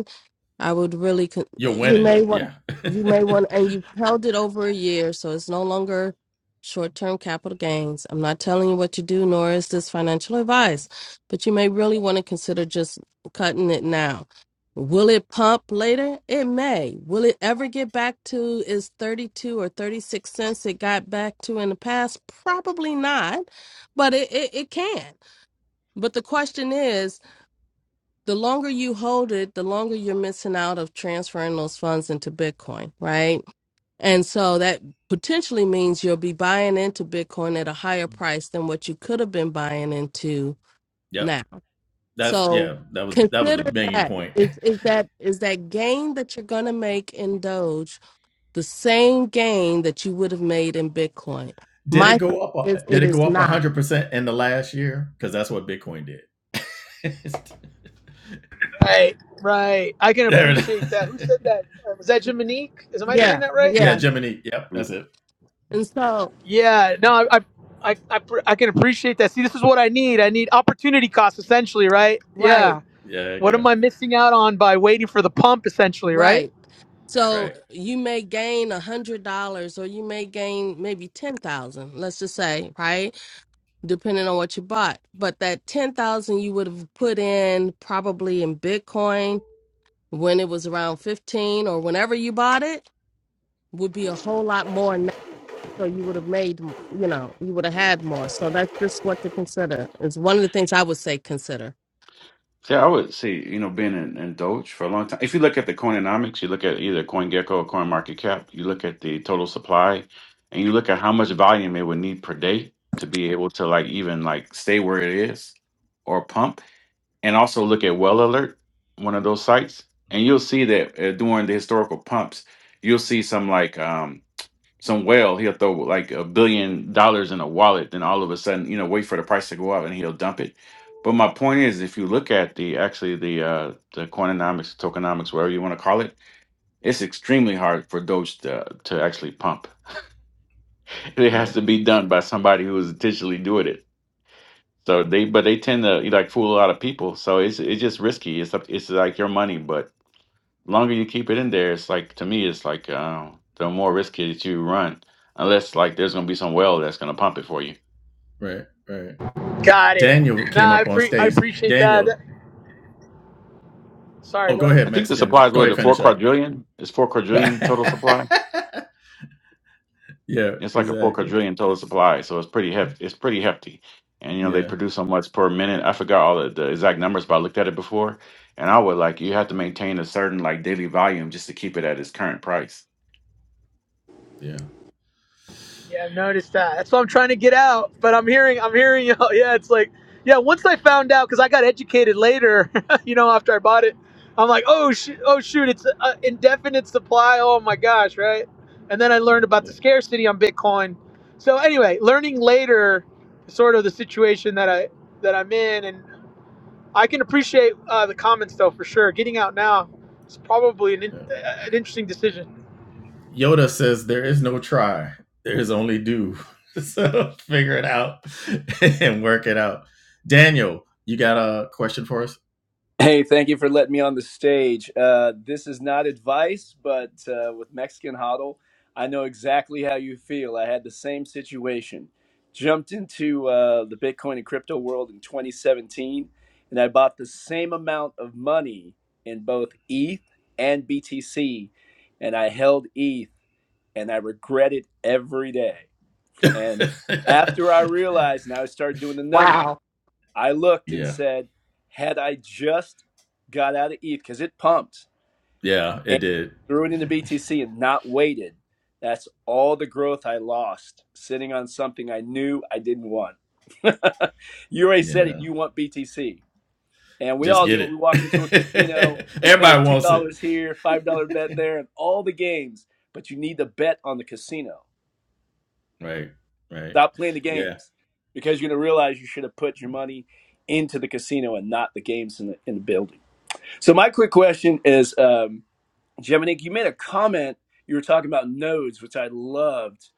I would really con-
You're
you
winning.
may want
Yeah.
you may want and you held it over a year, so it's no longer short-term capital gains. I'm not telling you what to do, nor is this financial advice, but you may really want to consider just cutting it now. Will it pump later? It may. Will it ever get back to its 32 or 36 cents it got back to in the past? Probably not, but it, it, it can. But the question is the longer you hold it, the longer you're missing out of transferring those funds into Bitcoin, right? And so that potentially means you'll be buying into Bitcoin at a higher price than what you could have been buying into
yep.
now.
That's
So
yeah. That was that was the
consider
main
that
point.
is is that is that gain that you're going to make in Doge the same gain that you would have made in Bitcoin?
Did
My
it
thought
go up?
is
Did
it
it go
is
up
not.
100 percent in the last year? Because that's what Bitcoin did.
Right, right. I can
there it is.
appreciate that. Who said that? Uh, Was that Jiminique? Is am I saying
Yeah,
that right?
yeah,
yeah.
Gemini. Yep, that's it.
And so,
Yeah. No, I, I, I, I, pr- I can appreciate that. See, this is what I need. I need opportunity cost, essentially, right?
right.
Yeah.
Yeah, there you
What am
go.
I missing out on by waiting for the pump, essentially, right?
Right. So
Right,
you may gain a hundred dollars or you may gain maybe ten thousand, let's just say, right? Depending on what you bought. But that ten thousand you would have put in probably in Bitcoin when it was around fifteen or whenever you bought it would be a whole lot more now. So you would have made you know, you would have had more. So that's just what to consider. It's one of the things I would say consider.
Yeah, I would see. you know, being in, in Doge for a long time. If you look at the Coinomics, you look at either CoinGecko or CoinMarketCap, you look at the total supply and you look at how much volume it would need per day to be able to like even like stay where it is or pump. And also look at Well Alert, one of those sites. And you'll see that uh, during the historical pumps, you'll see some like um, some whale, he'll throw like a billion dollars in a wallet, then all of a sudden, you know, wait for the price to go up and he'll dump it. But my point is, if you look at the actually the uh, the coinomics, tokenomics, whatever you want to call it, it's extremely hard for Doge to, to actually pump. It has
right,
to be done by somebody who is intentionally doing it. So they, but they tend to like fool a lot of people. So it's it's just risky. It's up- it's like your money, but the longer you keep it in there, it's like to me, it's like um, the more risky that you run, unless like there's gonna be some well that's gonna pump it for you.
right, right.
Got it.
Daniel
Nah,
came
I
up on
pre- I
stage.
appreciate that.
Daniel.
That- Sorry,
Oh, go
go ahead.
I
ahead,
think the supply
Mexican.
is
Go
what
ahead,
the four
finish up.
quadrillion is four quadrillion total supply.
Yeah,
It's like a four
exactly.
quadrillion total supply, so it's pretty hefty. It's pretty hefty, and you know they
Yeah,
produce so much per minute. I forgot all the, the exact numbers, but I looked at it before, and I would like you have to maintain a certain like daily volume just to keep it at its current price.
yeah,
Yeah, I've noticed that. That's what I'm trying to get out. But I'm hearing, I'm hearing, you know, yeah, it's like, yeah. Once I found out, because I got educated later, you know, after I bought it, I'm like, oh, sh- oh, shoot, it's uh, indefinite supply. Oh my gosh, right? And then I learned about the
yeah,
scarcity on Bitcoin. So anyway, learning later, sort of the situation that I that I'm in, and I can appreciate uh, the comments though for sure. Getting out now is probably an, in-
yeah.
an interesting decision.
Yoda says there is no try, there is only do. so figure it out and work it out. Daniel, you got a question for us?
Hey, thank you for letting me on the stage. Uh, this is not advice, but uh, with Mexican Huddle, I know exactly how you feel. I had the same situation. Jumped into uh, the Bitcoin and crypto world in 2017, and I bought the same amount of money in both ETH and BTC, and I held ETH, and I regret it every day. And after I realized, and I started doing the numbers.
Wow.
I looked and
yeah,
said, had I just got out of ETH because it pumped
yeah, it
and
did.
threw it into BTC and not waited, that's all the growth I lost sitting on something I knew I didn't want. you already said it.
Yeah,
You want BTC, and we
just
all
get
do it. We walk into a casino,
it.
we put a
Everybody
two
wants it.
dollars here, five dollar bet there, and all the games. But you need to bet on the casino.
Right, right.
Stop playing the
Yeah,
games because you're gonna realize you should have put your money into the casino and not the games in the in the building. So my quick question is, um, Geminique, you made a comment. You were talking about nodes, which I loved,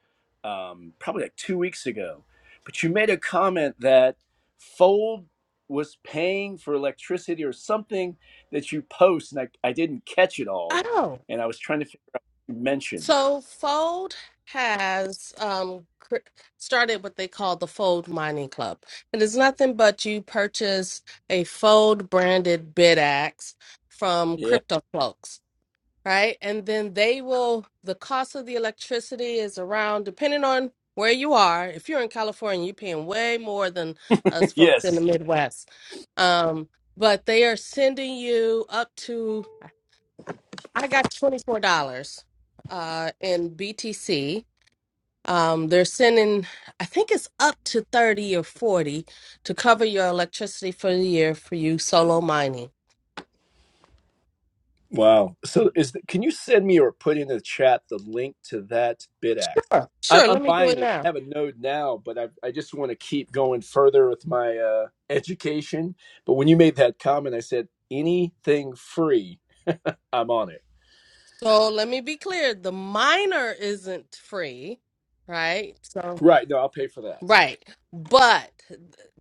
um, probably like two weeks ago. But you made a comment that Fold was paying for electricity or something that you post, and I, I didn't catch it
I
all,
know.
and I was trying to figure out what you mentioned.
So Fold has um, cr- started what they call the Fold Mining Club. It is nothing but you purchase a Fold branded bid axe from
Yeah.
crypto folks, right? And then they will, the cost of the electricity is around, depending on where you are. If you're in California, you're paying way more than us folks in the
yes.
Midwest. Um, but they are sending you up to, I got twenty four dollars uh in BTC. Um they're sending I think it's up to thirty or forty to cover your electricity for the year for you solo mining.
Wow. So is the, can you send me or put in the chat the link to that BitAct?
Sure.
I'm,
Sure,
I'm
let me do
buying
it
one.
now.
I have a node now, but I, I just want to keep going further with my uh, education. But when you made that comment, I said, anything free, I'm on it.
So let me be clear, the miner isn't free, right? So.
Right. No, I'll pay for that.
Right. But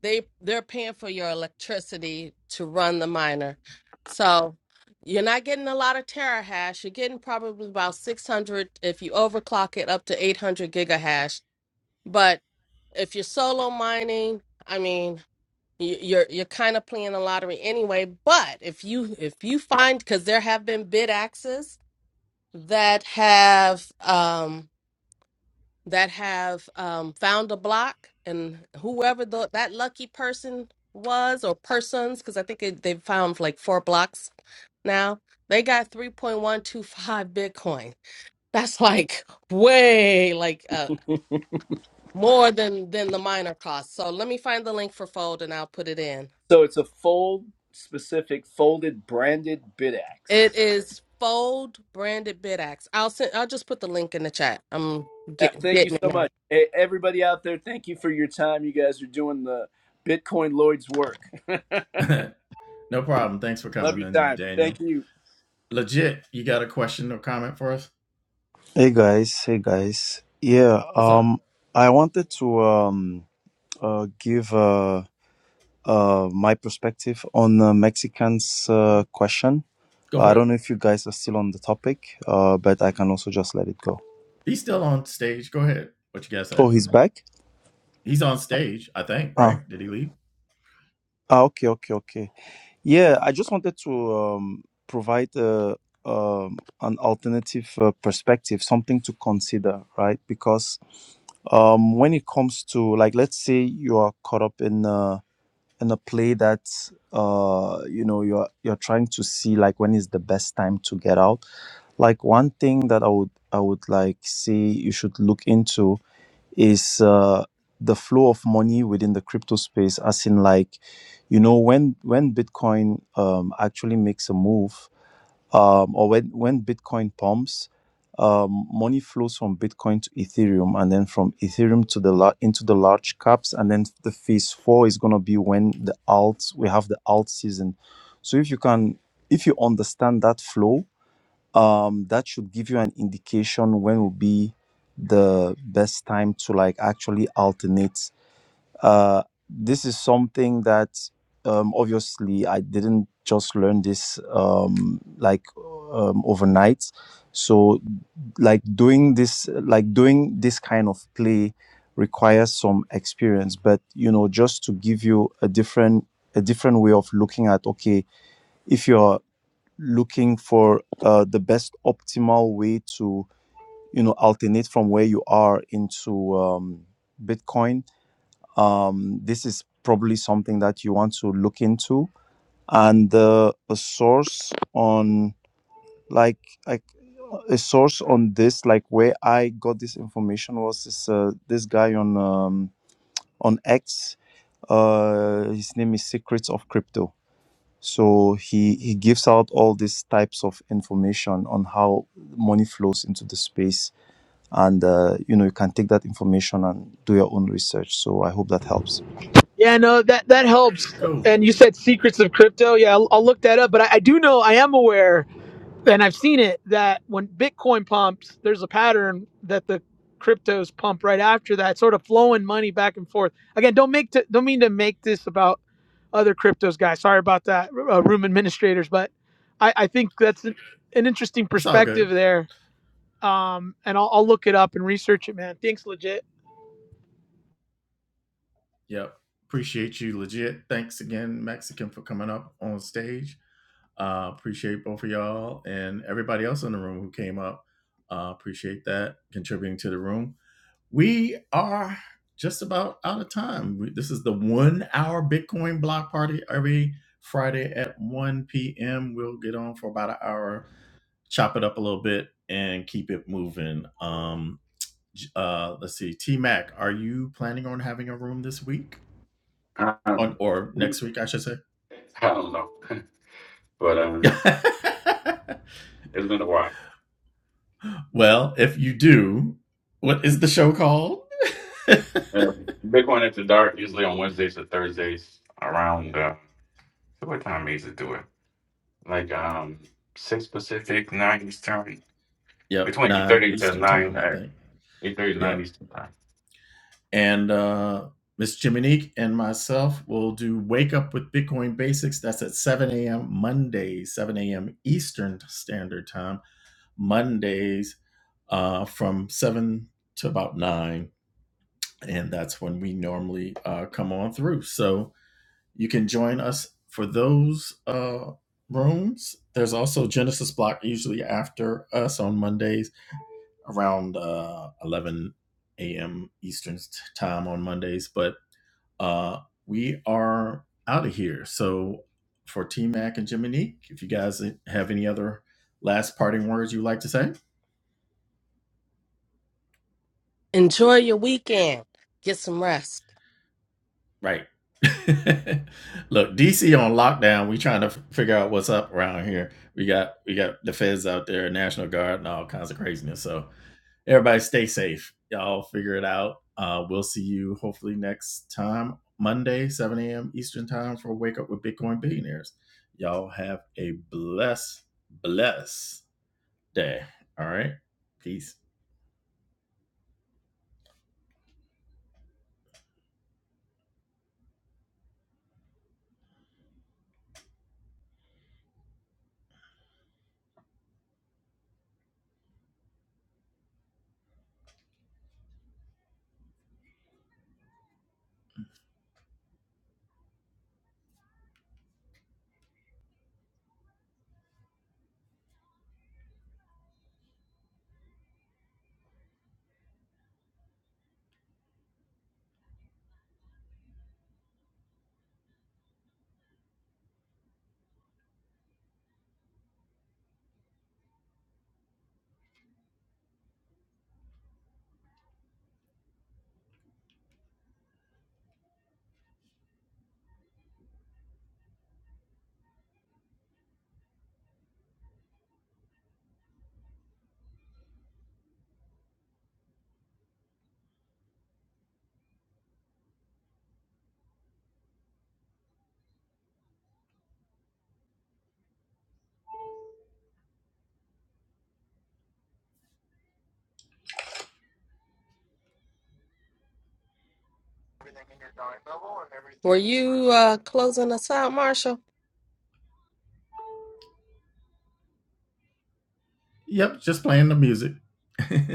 they they're paying for your electricity to run the miner. So you're not getting a lot of terahash. You're getting probably about 600 if you overclock it up to 800 gigahash. But if you're solo mining, I mean, you- you're you're kind of playing the lottery anyway. But if you if you find because there have been bid axes that have um that have um, found a block, and whoever the, that lucky person was or persons, because I think it, they've found like four blocks now, they got 3.125 Bitcoin. That's like way like uh, more than than the miner cost. So let me find the link for Fold, and I'll put it in.
So it's a fold specific, folded, branded
It
BitAx.
is Fold branded BitX. I'll send. I'll just put the link in the chat. I'm
Uh,
getting
Thank you
getting it
so
now.
much. E- Everybody out there, thank you for your time. You guys are doing the Bitcoin Lloyd's work.
no problem. Thanks for
Love
coming,
your
and
time.
Daniel.
Thank you.
Legit, you got a question or comment for us?
Hey guys, hey guys. Yeah,
What's up?
um I wanted to um uh give uh uh my perspective on the Mexicans uh, question.
Go
I
for it.
don't know if you guys are still on the topic, uh but I can also just let it go.
He's still on stage. Go ahead. What you guys say?
Oh, he's back?
He's on stage, I think,
Ah.
right? Did he leave?
Ah, okay, okay, okay. Yeah, I just wanted to um provide uh um an alternative uh, perspective, something to consider, right? Because um when it comes to like let's say you are caught up in uh in a play that uh you know you're you're trying to see like when is the best time to get out like one thing that i would i would like say you should look into is uh the flow of money within the crypto space as in like you know when when bitcoin um actually makes a move um, or when, when Bitcoin pumps, um, money flows from Bitcoin to Ethereum, and then from Ethereum to the lar- into the large caps, and then the phase four is gonna be when the alt we have the alt season. So if you can, if you understand that flow, um, that should give you an indication when will be the best time to like actually alternate uh, this is something that um, obviously I didn't just learn this um, like um, overnight. So like doing this, like doing this kind of play requires some experience. But you know, just to give you a different a different way of looking at okay, if you're looking for uh, the best optimal way to you know alternate from where you are into um, Bitcoin um, this is probably something that you want to look into and uh, a source on like like a source on this like where i got this information was this uh, this guy on um, on x uh, his name is secrets of crypto so he he gives out all these types of information on how money flows into the space and uh, you know you can take that information and do your own research so i hope that helps
Yeah, no, that that helps.
Cool.
And you said secrets of crypto. Yeah, I'll, I'll look that up. But I, I do know, I am aware, and I've seen it that when Bitcoin pumps, there's a pattern that the cryptos pump right after that, sort of flowing money back and forth. Again, don't make to, don't mean to make this about other cryptos, guys. Sorry about that, uh, room administrators. But I, I think that's an an interesting
It's all
perspective
good.
there. Um, and I'll, I'll look it up and research it, man. Thanks, legit.
Yep. Appreciate you legit. Thanks again, Mexican, for coming up on stage. Uh, appreciate both of y'all and everybody else in the room who came up. Uh, appreciate that contributing to the room. We are just about out of time. We, this is the one hour Bitcoin block party every Friday at 1 p.m. We'll get on for about an hour chop it up a little bit and keep it moving. Um, uh, let's see, T Mac, are you planning on having a room this week on or next week? I should say.
I don't know, but um, it's been a while.
well, if you do, what is the show called?
Yeah. Bitcoin after dark usually on Wednesdays or Thursdays around uh, so what time is it do it? Like um six Pacific, nine Eastern,
Yep,
between eight
nine
thirty to
Eastern
nine,
time, I
uh,
think.
eight thirty to nine
Yep,
Eastern.
and uh, Miss Jiminique and myself will do Wake Up with Bitcoin Basics. That's at seven a.m. Monday, seven a.m. Eastern Standard Time. Mondays uh, from seven to about nine, and that's when we normally uh, come on through. So you can join us for those uh, rooms. There's also Genesis Block usually after us on Mondays around uh, 11 a.m. Eastern time on Mondays, but uh, we are out of here. So for T Mac and Jiminique, if you guys have any other last parting words you'd like to say.
Enjoy your weekend. Get some rest.
Right. Look, DC on lockdown. We trying to f- figure out what's up around here. We got we got the feds out there, National Guard, and all kinds of craziness. So everybody, stay safe. Y'all figure it out. Uh, we'll see you hopefully next time, Monday, seven a.m. Eastern time for Wake Up with Bitcoin Billionaires. Y'all have a blessed, blessed day. All right, peace.
Were you uh, closing us out, Marshall?
Yep, just playing the music.